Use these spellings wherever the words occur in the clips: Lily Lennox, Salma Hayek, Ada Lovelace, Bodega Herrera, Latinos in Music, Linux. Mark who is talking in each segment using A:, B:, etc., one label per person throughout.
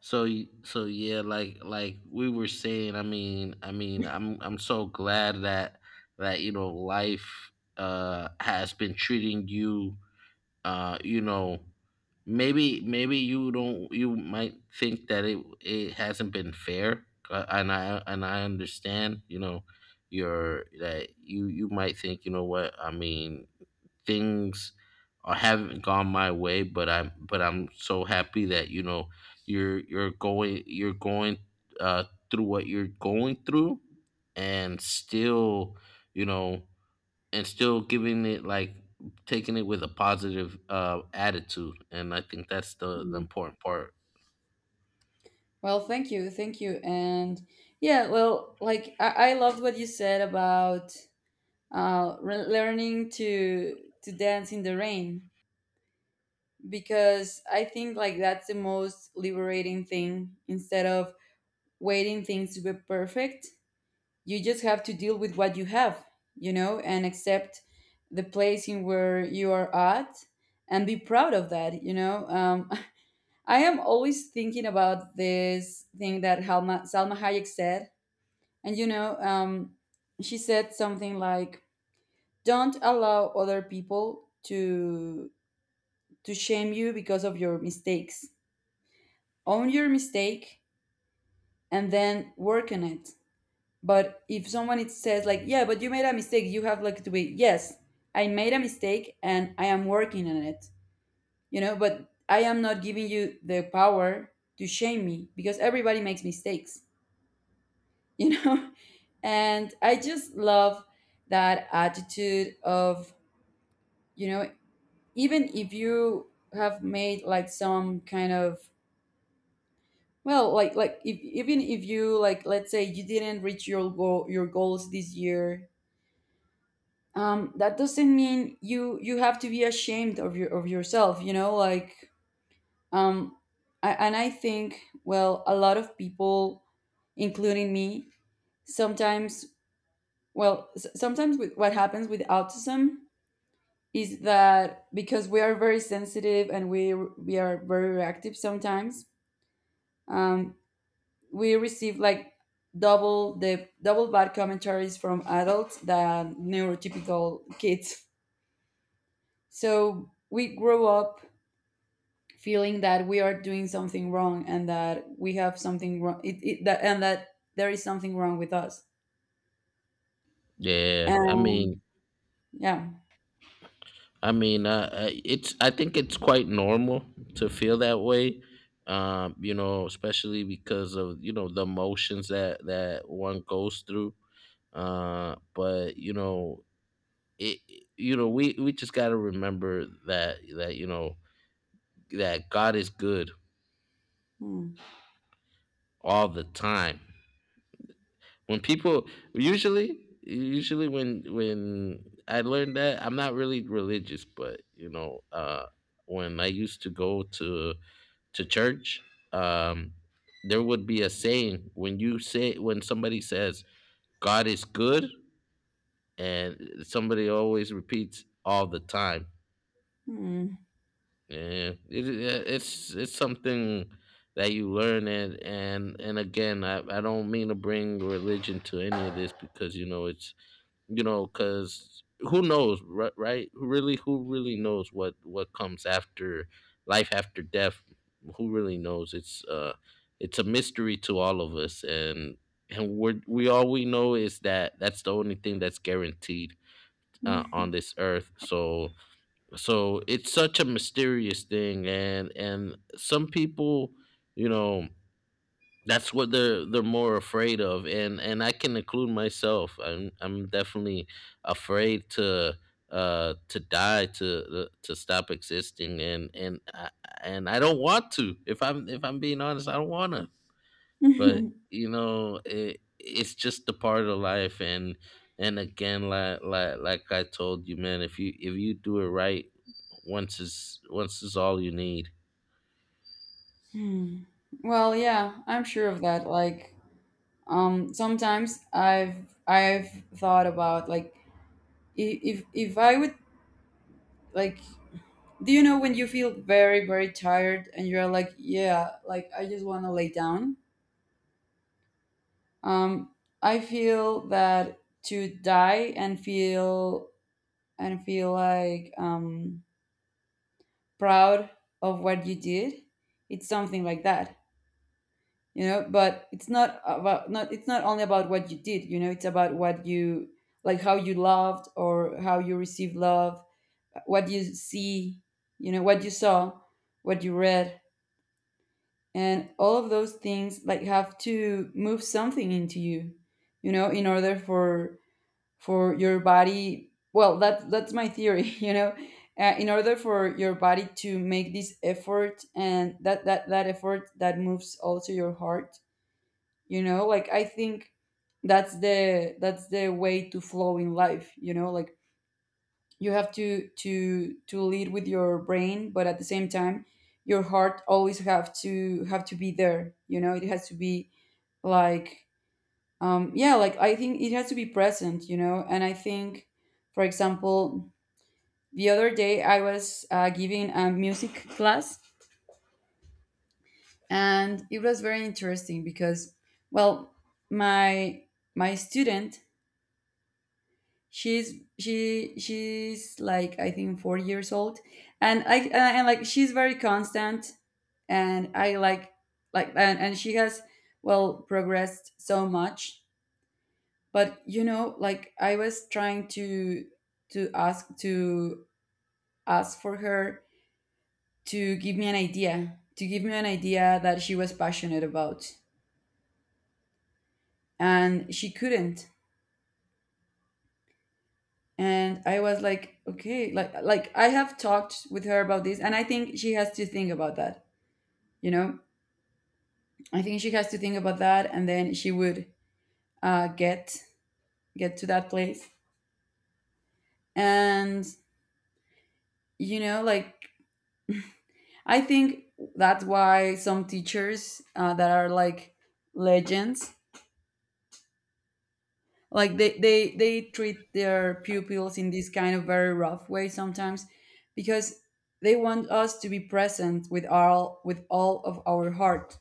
A: So yeah, like we were saying, I mean, I'm so glad that you know life has been treating you, you know. Maybe you don't you might think that it hasn't been fair, and I understand, you know, your that you might think, you know what, I mean, things or haven't gone my way, but I'm so happy that, you know, you're going uh through what you're going through, and still, you know, and still giving it, like, taking it with a positive attitude. And I think that's the
B: Yeah.
A: important part.
B: Well, thank you, and yeah, well, like I loved what you said about learning to dance in the rain because I think like that's the most liberating thing. Instead of waiting things to be perfect, you just have to deal with what you have, you know, and accept the place in where you are at and be proud of that, you know. I am always thinking about this thing that Salma Hayek said. And you know, she said something like, don't allow other people to shame you because of your mistakes. Own your mistake and then work on it. But if someone it says like, yeah, but you made a mistake, you have like to be, yes, I made a mistake and I am working on it. You know, but I am not giving you the power to shame me because everybody makes mistakes you know and I just love that attitude of you know even if you have made like some kind of well like if, even if you like let's say you didn't reach your goal your goals this year. That doesn't mean you have to be ashamed of your of yourself, you know like. um and I think well a lot of people including me sometimes, well sometimes with what happens with autism is that because we are very sensitive and we are very reactive sometimes, um, we receive like double bad commentaries from adults than neurotypical kids, so we grow up feeling that we are doing something wrong and that we have something wrong it, it, that, and that there is something wrong with us
A: Yeah, I
B: and
A: mean
B: yeah.
A: I mean, it's. I think it's quite normal to feel that way. You know, especially because of, you know, the emotions that one goes through. But, you know, it. You know, we just got to remember that that God is good
B: Hmm.
A: all the time. When people Usually, when I learned that I'm not really religious, but, you know, when I used to go to church, um, there would be a saying. When you say when somebody says, "God is good," and somebody always repeats, "All the time."
B: Hmm.
A: Yeah, it's something that you learn. And again, I don't mean to bring religion to any of this, because, you know, because who knows, right? Who really who really knows what comes after? Life after death, who really knows? It's a mystery to all of us. And we all we know is that that's the only thing that's guaranteed, on this earth. So it's such a mysterious thing. And some people, you know, that's what they're more afraid of. And I can include myself. I'm definitely afraid to die, to stop existing. And I don't want to. If I'm being honest, I don't want to. But, you know, it's just a part of life. And again, like I told you, man, if you do it right, once is all you need.
B: Hmm. Well, yeah, I'm sure of that. Like, sometimes I've thought about like if I would like, do you know when you feel very very tired and you're like yeah like I just want to lay down. um I feel that to die and feel like proud of what you did, it's something like that, you know, but it's not about not, it's not only about what you did, you know, it's about what you like, how you loved or how you received love, what you see, you know, what you saw, what you read, and all of those things like have to move something into you, you know, in order for your body. Well, that's my theory, you know. In order for your body to make this effort and that effort that moves also your heart, you know, like I think that's the, that's the way to flow in life, you know, like you have to to lead with your brain but at the same time your heart always have to be there, you know, it has to be like, yeah, like I think it has to be present, you know, and I think for example the other day I was giving a music class and it was very interesting because, well, my my student, she's she's like I think 4 years old. And I and like she's very constant and I like and she has well progressed so much. But you know like I was trying to to ask to ask for her to give me an idea that she was passionate about and she couldn't. And I was like okay, like I have talked with her about this and I think she has to think about that, you know, I think she has to think about that and then she would uh, get get to that place. And you know like, I think that's why some teachers that are like legends, like they treat their pupils in this kind of very rough way sometimes because they want us to be present with all of our heart,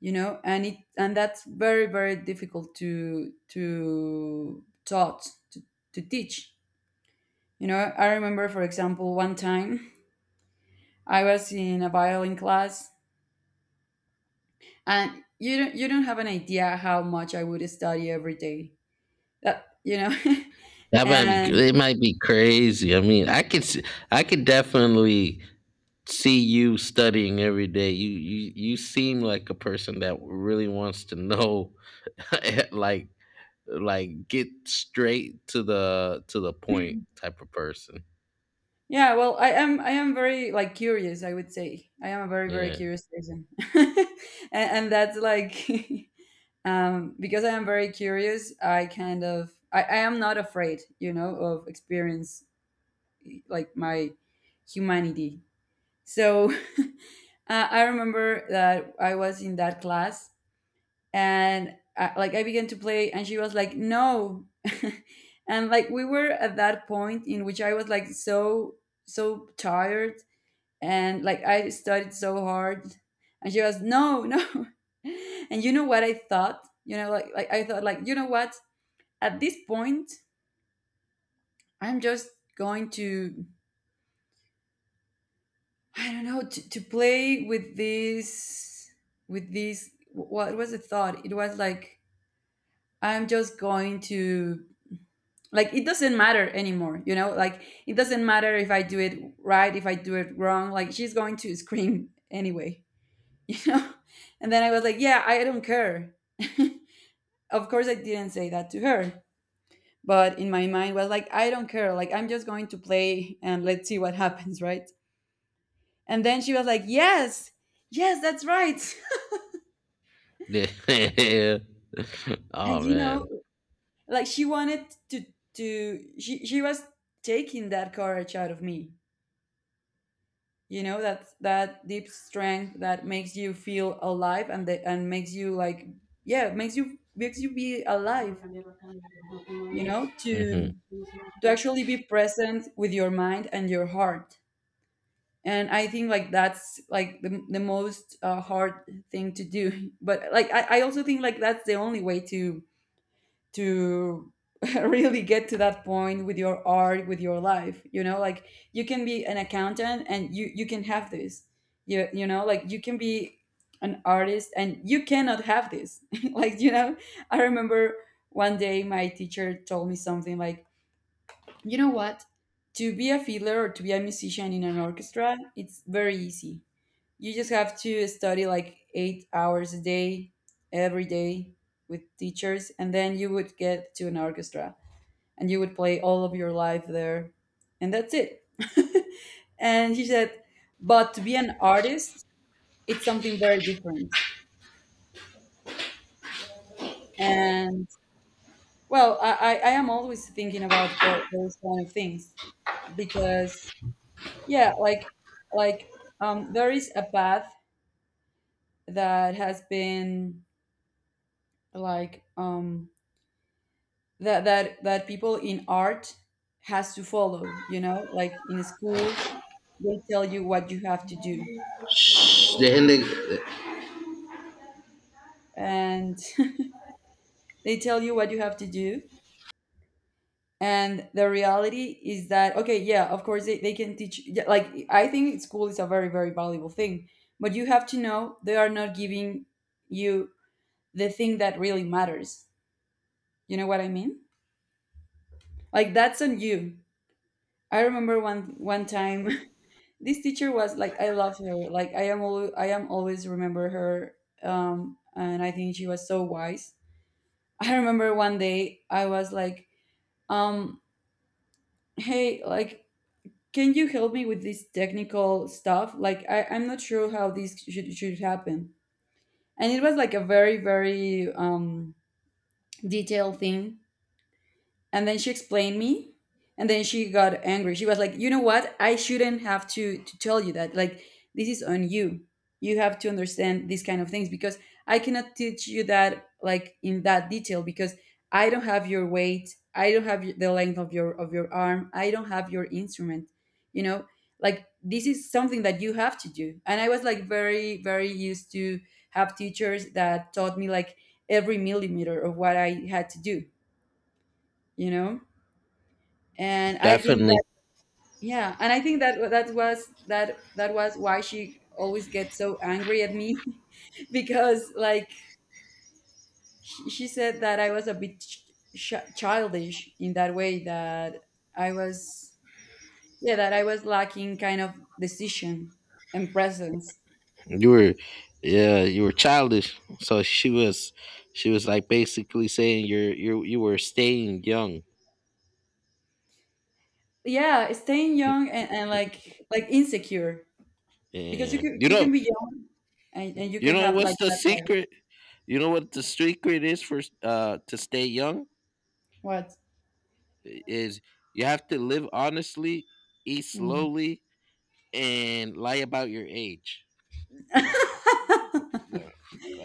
B: you know, and it, and that's very very difficult to to teach. You know, I remember for example one time I was in a violin class and you don't have an idea how much I would study every day, that you know.
A: That might
B: And
A: be it. Might be crazy. I mean, I could definitely see you studying every day. You seem like a person that really wants to know, like like get straight to the point type of person.
B: yeah, well I am very like curious, I would say I am a very very
A: Yeah.
B: curious person. and, and that's like, because I am very curious. I kind of I am not afraid, you know, of experience like my humanity. So I remember that I was in that class and I began to play, and she was like, "No," and like we were at that point in which I was like so so tired and like I studied so hard, and she was, "No, no," and you know what I thought? You know, I thought like, you know what, at this point I'm just going to I don't know to play with this, what was the thought, it was like I'm just going to, like, it doesn't matter anymore, you know, like it doesn't matter if I do it right, if I do it wrong, like she's going to scream anyway. You know, and then I was like yeah, I don't care. Of course I didn't say that to her, but in my mind was like, I don't care, like I'm just going to play and let's see what happens, right. And then she was like, "Yes, yes, that's right."
A: Yeah.
B: And
A: Oh,
B: you know,
A: man.
B: like she wanted to she was taking that courage out of me. You know, that, that deep strength that makes you feel alive and the, and makes you like, yeah, makes you be alive. You know,
A: Hmm.
B: to actually be present with your mind and your heart. And I think like that's like the most hard thing to do. But like I also think like that's the only way to to really get to that point with your art, with your life, you know, like you can be an accountant and you can have this, you know, like you can be an artist and you cannot have this. Like, you know, I remember one day my teacher told me something like, you know what, to be a fiddler or to be a musician in an orchestra it's very easy, you just have to study like 8 hours a day, every day, with teachers, and then you would get to an orchestra and you would play all of your life there. And that's it. And he said, but to be an artist, it's something very different. And well, I am always thinking about those kind of things because, yeah, like, there is a path that has been like, that people in art has to follow, you know, like in schools they tell you what you have to do.
A: Then they-
B: And they tell you what you have to do, and the reality is that okay yeah of course they can teach, yeah, like I think school is a very very valuable thing, but you have to know they are not giving you the thing that really matters, you know what I mean, like that's on you. I remember one one time, this teacher was like, I love her, like I am always remember her. And I think she was so wise. I remember one day I was like, um hey like, can you help me with this technical stuff, like I'm not sure how this should happen. And it was like a very very detailed thing, and then she explained me, and then she got angry, she was like, you know what, I shouldn't have to tell you that, like this is on you, you have to understand these kind of things because I cannot teach you that like in that detail because I don't have your weight, I don't have the length of your arm, I don't have your instrument, you know, like this is something that you have to do. And I was like very very used to have teachers that taught me like every millimeter of what I had to do, you know, and I think
A: Definitely.
B: that, yeah, and I think that that was why she always gets so angry at me. Because like she said that I was a bit childish in that way, that I was, yeah, that I was lacking kind of decision and presence.
A: You were, yeah, you were childish. So she was, like, basically saying you were staying young.
B: Yeah, staying young and, like insecure, because you
A: And
B: can, you can be young and, you
A: you
B: can
A: know
B: have like
A: what's the
B: that-
A: secret? You know what the secret is for to stay young
B: what.
A: is? You have to live honestly, eat
B: Hmm.
A: slowly, and lie about your age. Yeah.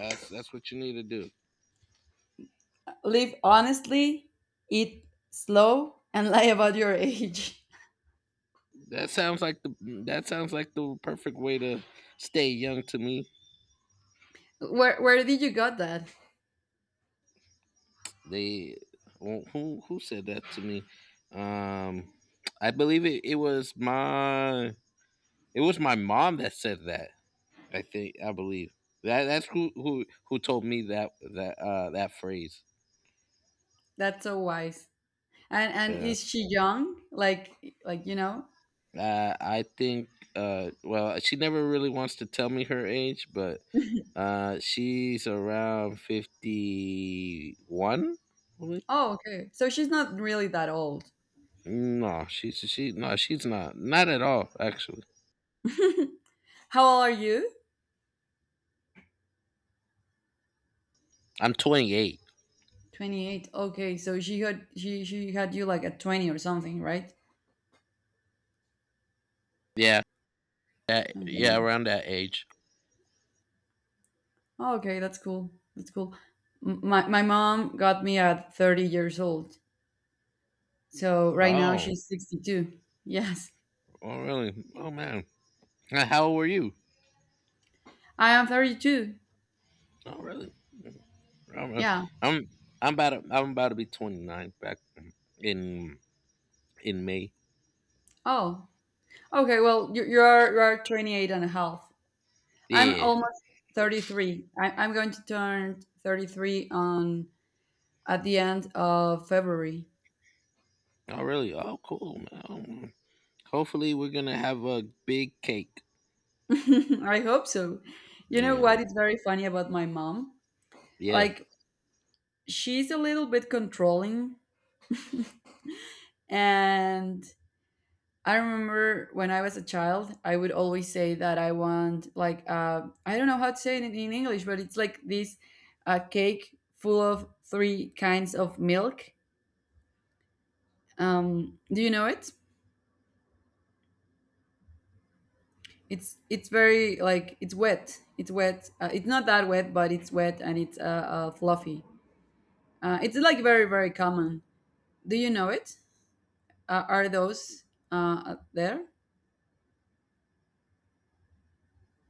A: That's what you need to do.
B: Live honestly, eat slow, and lie about your age.
A: That sounds like the that sounds like the perfect way to stay young to me.
B: Where did you got that?
A: They Who said that to me? Um, I believe it was my mom that said that. I believe that that's who told me that that phrase.
B: That's so wise. And
A: Yeah.
B: is she young? Like you know?
A: I think well, she never really wants to tell me her age, but she's around 51, probably.
B: Oh, okay. So she's not really that old.
A: No, she's she no, she's not. Not at all, actually.
B: How old are you?
A: I'm 28.
B: 28. Okay, so she had you like at 20 or something, right?
A: Yeah. That Yeah,
B: Okay.
A: around that age.
B: Oh, okay, that's cool. That's cool. My mom got me at 30 years old. So right now
A: Oh,
B: she's 62. Yes.
A: oh, really? Oh, man. How old were you?
B: I am 32.
A: Oh, really? I'm
B: Yeah.
A: I'm I'm about to be 29 back in May.
B: Oh. Okay. Well, you are 28. I'm
A: Yeah.
B: almost 33. I'm going to turn 33 on at the end of February.
A: Oh, really? Oh, cool. Man. Oh, man. Hopefully we're gonna have a big cake.
B: I hope so. You know
A: Yeah.
B: what is very funny about my mom?
A: Yeah.
B: Like she's a little bit controlling, and I remember when I was a child, I would always say that I want like I don't know how to say it in English, but it's like this cake full of three kinds of milk. Do you know it? It's very like it's wet. It's wet. It's not that wet, but it's wet and it's fluffy. It's like very very common. Do you know it? Are those there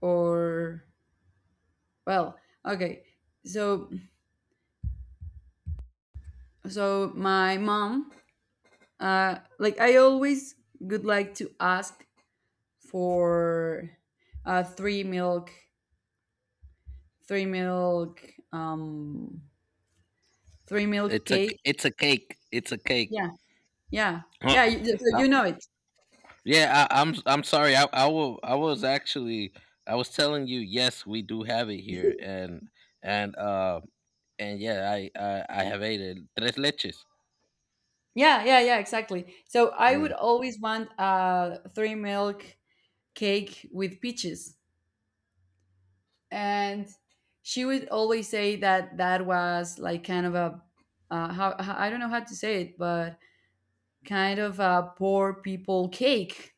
B: or well? Okay, so so my mom. Like I always would like to ask for three milk, three milk, three milk cake.
A: It's a cake. It's a cake.
B: Yeah, yeah,
A: Huh.
B: yeah. You, so
A: Uh,
B: you know it.
A: yeah. I'm sorry. I was actually I was telling you, yes, we do have it here, and uh and yeah, I have ate it. Tres leches.
B: Yeah, yeah, yeah. Exactly. So I would
A: Mm.
B: always want three milk cake with peaches, and she would always say that that was like kind of a I don't know how to say it, but kind of a poor people cake.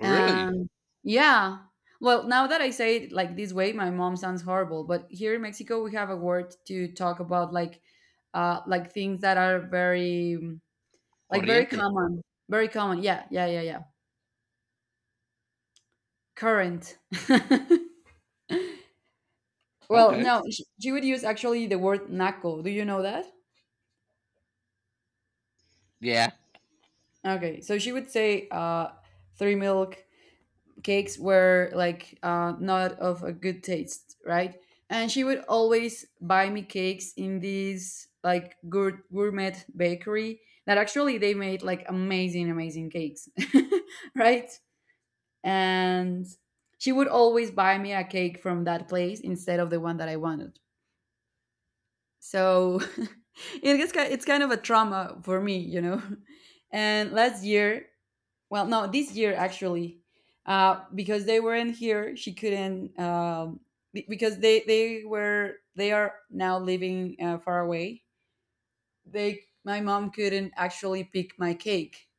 A: Really?
B: And yeah, well, now that I say it like this way, my mom sounds horrible. But here in Mexico, we have a word to talk about, like things that are very, like very
A: Corriente.
B: common, very common. Yeah, yeah, yeah, yeah. Current. Well,
A: Okay.
B: no, she would use actually the word naco. Do you know that?
A: Yeah.
B: Okay, so she would say, three milk cakes were like not of a good taste, right? And she would always buy me cakes in this like gourmet bakery that actually they made like amazing, amazing cakes, right? And she would always buy me a cake from that place instead of the one that I wanted. So it gets it's kind of a trauma for me, And last year, well, no, this year actually, because they weren't here, she couldn't. Because they were they are now living far away. They my mom couldn't actually pick my cake,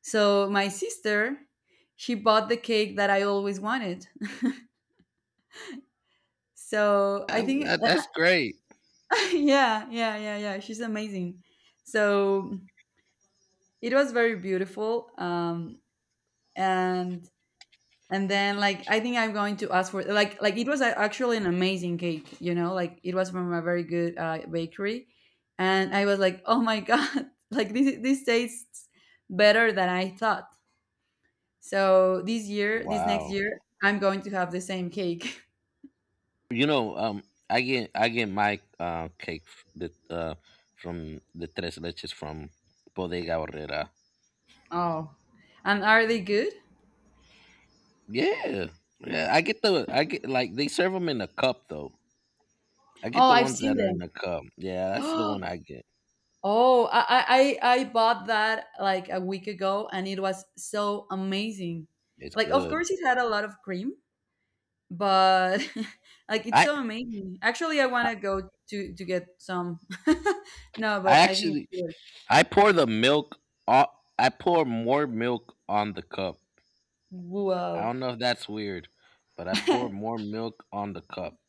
B: so my sister, she bought the cake that I always wanted. So I think,
A: That's great.
B: yeah, yeah, yeah, yeah. She's amazing. So it was very beautiful. And and then like I think I'm going to ask for like it was actually an amazing cake, like it was from a very good bakery, and I was like, oh my god, like this tastes better than I thought. So this year, this next
A: Wow.
B: year I'm going to have the same cake.
A: You know, I get my cake f- the from the tres leches from Bodega Herrera.
B: Oh, and are they good?
A: Yeah, yeah. I get, like, they serve them in a cup though. I get
B: Oh,
A: the
B: I've
A: ones
B: seen
A: that are
B: them.
A: in a cup. Yeah, that's the one I get.
B: Oh, I bought that like a week ago and it was so amazing.
A: It's
B: Like of
A: good.
B: course it had a lot of cream, but like it's
A: I
B: so amazing. Actually I want to go to get some. No,
A: I
B: but I think it's
A: actually
B: good.
A: I pour the milk. o- I pour more milk on the cup. I
B: Wow.
A: don't know if that's weird, but I pour more milk on the cup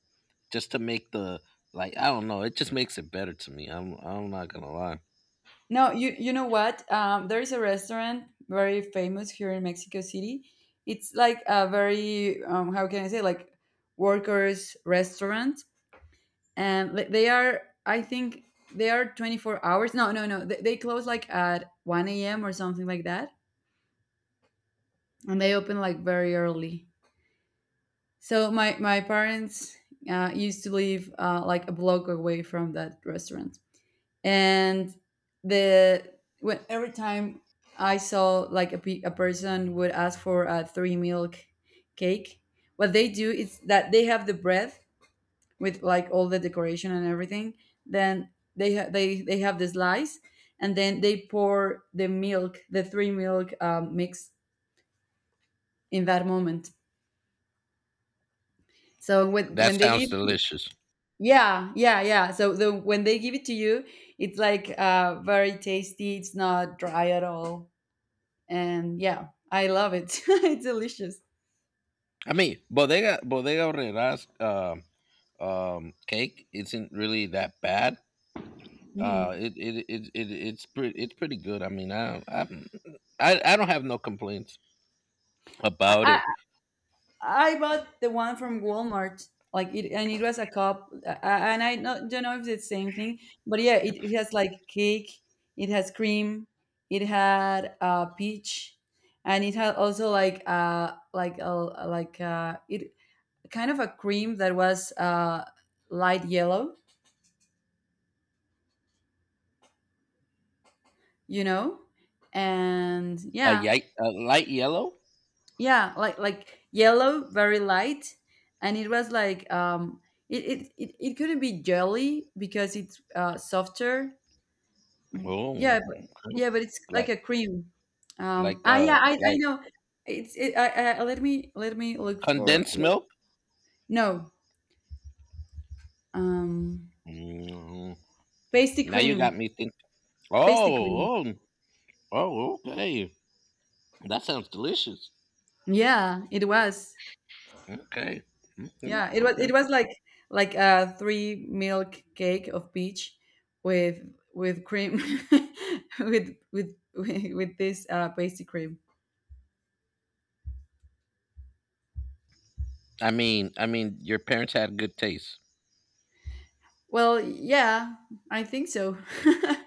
A: just to make the, like. I don't know. It just makes it better to me. I'm not gonna lie.
B: No, you you know what there is a restaurant very famous here in Mexico City. It's like a very how can I say, like workers restaurant. And they are I think they are 24 hours. No no no, they close like at 1 a.m. or something like that, and they open like very early. So my parents used to live like a block away from that restaurant, and the when every time I saw like a, a person would ask for a three milk cake, what they do is that they have the bread with like all the decoration and everything. Then they have the slice, and then they pour the milk, the three milk mix in that moment. So
A: That
B: when they
A: sounds
B: give.
A: delicious.
B: Yeah, yeah, yeah. So the when they give it to you, it's like very tasty. It's not dry at all, and yeah, I love it. It's delicious.
A: I mean, Bodega Aurrera's, cake isn't really that bad.
B: Mhm.
A: It's pretty it's pretty good. I mean, I don't have no complaints
B: I,
A: about
B: I
A: it.
B: I bought the one from Walmart, like it, and it was a cup, and I not, don't know if it's the same thing, but yeah, it has like cake, it has cream, it had peach, and it had also like a like it kind of a cream that was light yellow, you know, and yeah,
A: A light yellow.
B: yeah, like yellow, very light, and it was like it couldn't be jelly because it's softer.
A: Oh, okay.
B: Yeah, but, yeah, but it's like
A: like
B: a cream.
A: like uh
B: Yeah, I
A: like
B: know. It's it. Let me look for.
A: condensed milk.
B: No, um,
A: Hmm.
B: pasty
A: Now you got
B: cream,
A: me thinking.
B: pasty cream.
A: Oh, oh, oh, okay. That sounds delicious.
B: Yeah, it was.
A: Okay. Mhm.
B: Yeah, it
A: Okay.
B: was like a three milk cake of peach with with cream with this pasty cream.
A: I mean, your parents had good taste.
B: Well, yeah, I think so.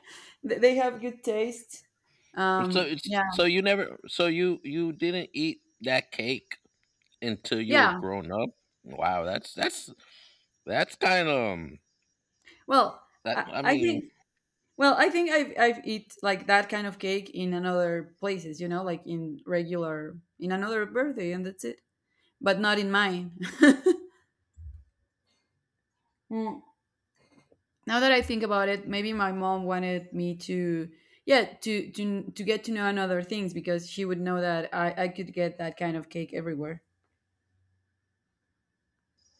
B: They have good taste.
A: So it's
B: Yeah,
A: so you never so you didn't eat that cake until you were
B: yeah.
A: grown up. Wow, that's kind of,
B: Well,
A: that. I
B: I
A: mean.
B: think, well, I think I've eat like that kind of cake in another places. You know, like in regular in another birthday, and that's it. But not in mine. Mm. Now that I think about it, maybe my mom wanted me to, yeah, to get to know another things because she would know that I could get that kind of cake everywhere.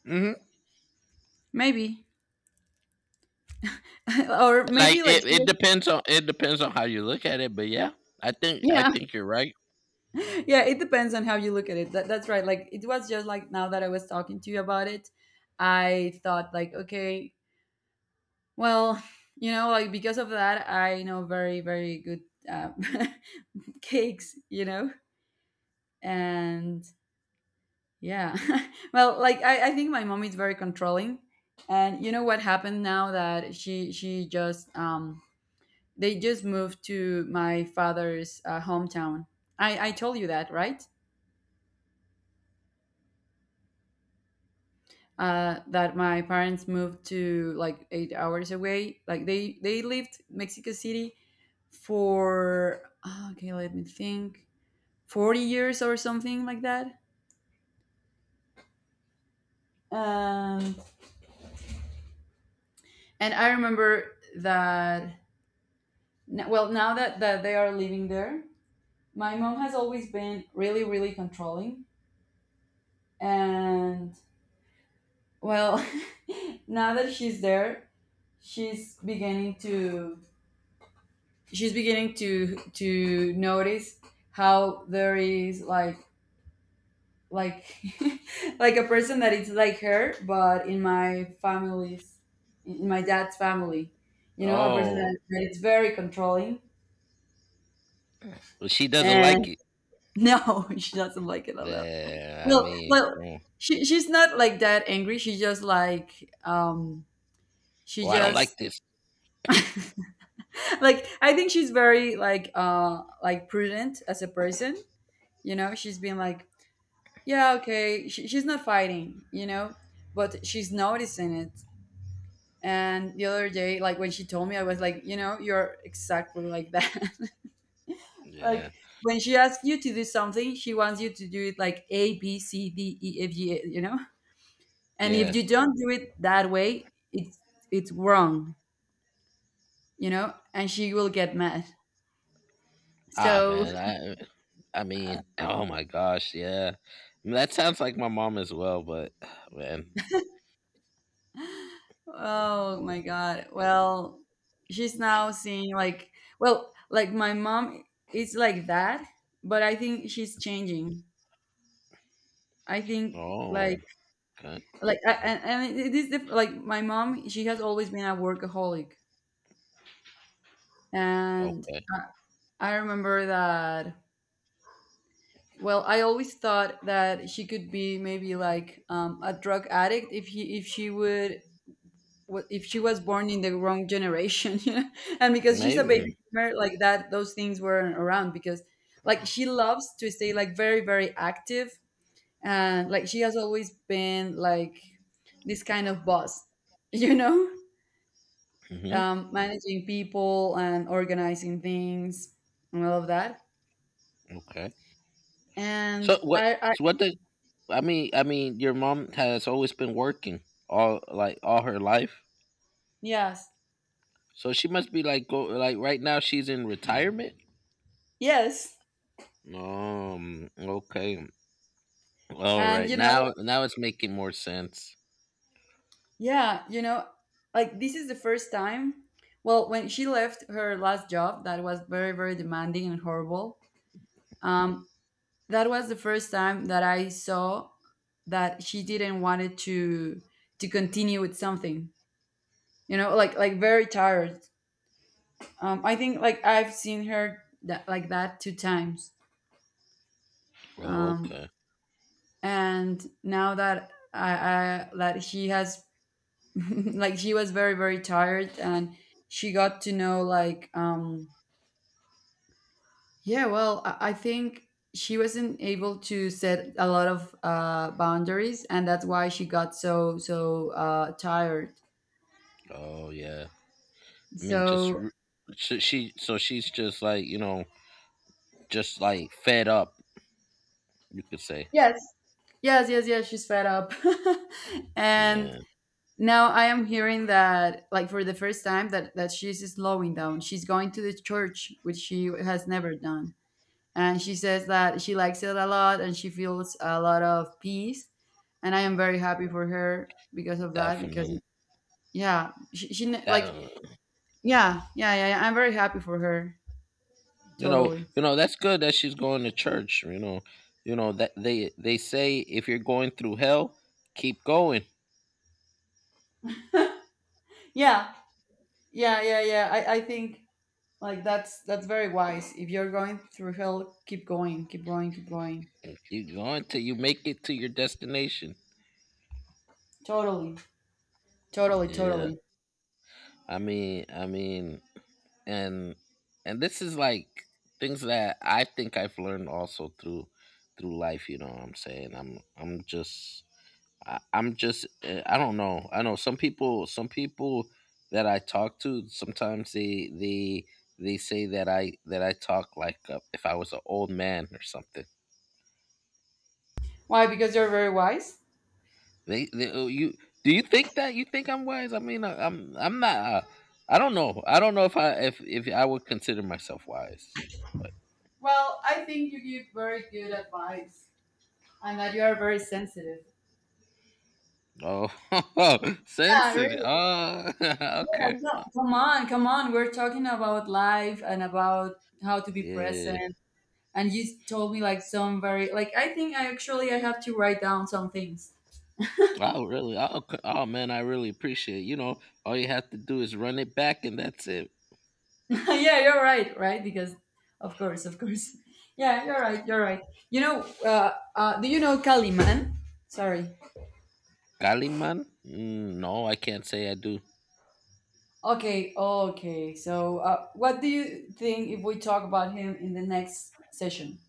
A: Mhm.
B: Maybe or
A: Like
B: maybe like she was.
A: it depends on how you look at it, but yeah, I
B: Yeah.
A: think you're right.
B: Yeah, it depends on how you look at it. That's right. Like it was just like now that I was talking to you about it, I thought like okay, well, you know, like because of that I know very very good uh, cakes, you know. And yeah. Well, like I think my mom is very controlling. And you know what happened now that she just they just moved to my father's hometown. I told you that, right? Uh, that my parents moved to like 8 hours away. Like they lived Mexico City for, ah, okay, let me think, 40 years or something like that. Um and I remember that well, now that that they are living there, my mom has always been really, really controlling. And well, now that she's there, she's beginning to, she's beginning to notice how there is like like a person that it's like her but in my family's in my dad's family, you know, a person
A: Oh.
B: that it's very controlling,
A: But she doesn't like
B: and
A: it.
B: no, she doesn't like it at all.
A: Yeah, I
B: Well,
A: mean,
B: well,
A: come on.
B: she she's not like that angry. She just like she
A: Well, I don't like
B: just
A: this.
B: like I think she's very like prudent as a person. You know, she's been like, yeah, okay, she's not fighting, you know, but she's noticing it. And the other day, like when she told me, I was like, you know, you're exactly like that.
A: Yeah,
B: Like when she asks you to do something, she wants you to do it like A, B, C, D, E, F, G, you know? And if
A: yeah.
B: you don't do it that way, it's wrong, you know, and she will get mad. So
A: Man, oh my gosh, yeah, I mean, that sounds like my mom as well, but man.
B: oh my god, well, she's now seeing like, well, like my mom is like that, but I think she's changing, I think.
A: Oh.
B: like
A: Okay.
B: like and it is like my mom, she has always been a workaholic, and
A: Okay.
B: I remember that. Well, I always thought that she could be maybe like a drug addict if he if she would if she was born in the wrong generation, you know? And because she's a baby
A: Maybe.
B: boomer, like that, those things weren't around. Because like she loves to stay like very very active, and like she has always been like this kind of boss, you know,
A: Hmm.
B: managing people and organizing things and all of that.
A: Okay.
B: And
A: so what
B: I.
A: so what the I mean, your mom has always been working, all all her life.
B: Yes,
A: So she must be, like, go like right now she's in retirement.
B: yes.
A: Okay. All
B: And
A: right.
B: you know,
A: Now it's making more sense.
B: yeah, you know, like this is the first time. Well, when she left her last job, that was very, very demanding and horrible. Um, that was the first time that I saw that she didn't wanted to continue with something. You know, like very tired. I think like I've seen her that like that two times.
A: Oh.
B: Um,
A: Okay.
B: and now that I that she has like she was very very tired, and she got to know like yeah, well, I think she wasn't able to set a lot of boundaries, and that's why she got so so tired.
A: Oh, yeah. I mean,
B: So
A: she. So she's just, like, you know, just like fed up. You could say.
B: yes, yes, yes, yes, she's fed up. And
A: Yeah.
B: now I am hearing that, like for the first time, that that she's slowing down. She's going to the church, which she has never done, and she says that she likes it a lot, and she feels a lot of peace. And I am very happy for her because of that, because
A: Definitely.
B: yeah, she kn
A: That
B: like yeah, yeah, yeah, yeah, I'm very happy for her.
A: You know,
B: Totally.
A: that's good that she's going to church. You know. You know that they say, if you're going through hell, keep going.
B: Yeah. Yeah, yeah, yeah. I think like that's very wise. If you're going through hell, keep going, keep going, keep going.
A: Keep going till you make it to your destination.
B: Totally. Totally,
A: Yeah.
B: totally.
A: I mean, and and this is, like, things that I think I've learned also through life. You know what I'm saying? I'm just, I don't know. I know some people that I talk to sometimes, they say that I talk like, if I was an old man or something.
B: Why? Because you're very wise?
A: They Oh, you, do you think that you think I'm wise? I mean, I'm not. I don't know. If I if I would consider myself wise. But.
B: Well, I think you give very good advice, and that you are very sensitive.
A: Oh.
B: Yeah,
A: Sensitive.
B: really.
A: Oh.
B: Yeah,
A: Okay.
B: come on, come on. We're talking about life and about how to be
A: Yeah.
B: present, and you told me like some very like I think I actually I have to write down some things.
A: Oh, really? Oh, man, I really appreciate it. You know, all you have to do is run it back and that's it.
B: Yeah, you're right, right? Because of course, of course. Yeah, you're right, you're right. You know, do you know Kaliman? Sorry.
A: Kaliman? Mm, no, I can't say I do.
B: Okay, okay. So, what do you think if we talk about him in the next session?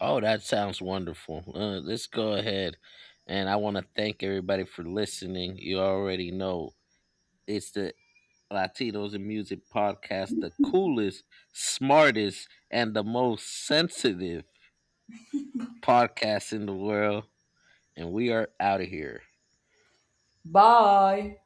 A: Oh, that sounds wonderful. Let's go ahead. And I want to thank everybody for listening. You already know it's the Latinos in Music podcast, the coolest, smartest, and the most sensitive podcast in the world. And we are out of here.
B: Bye.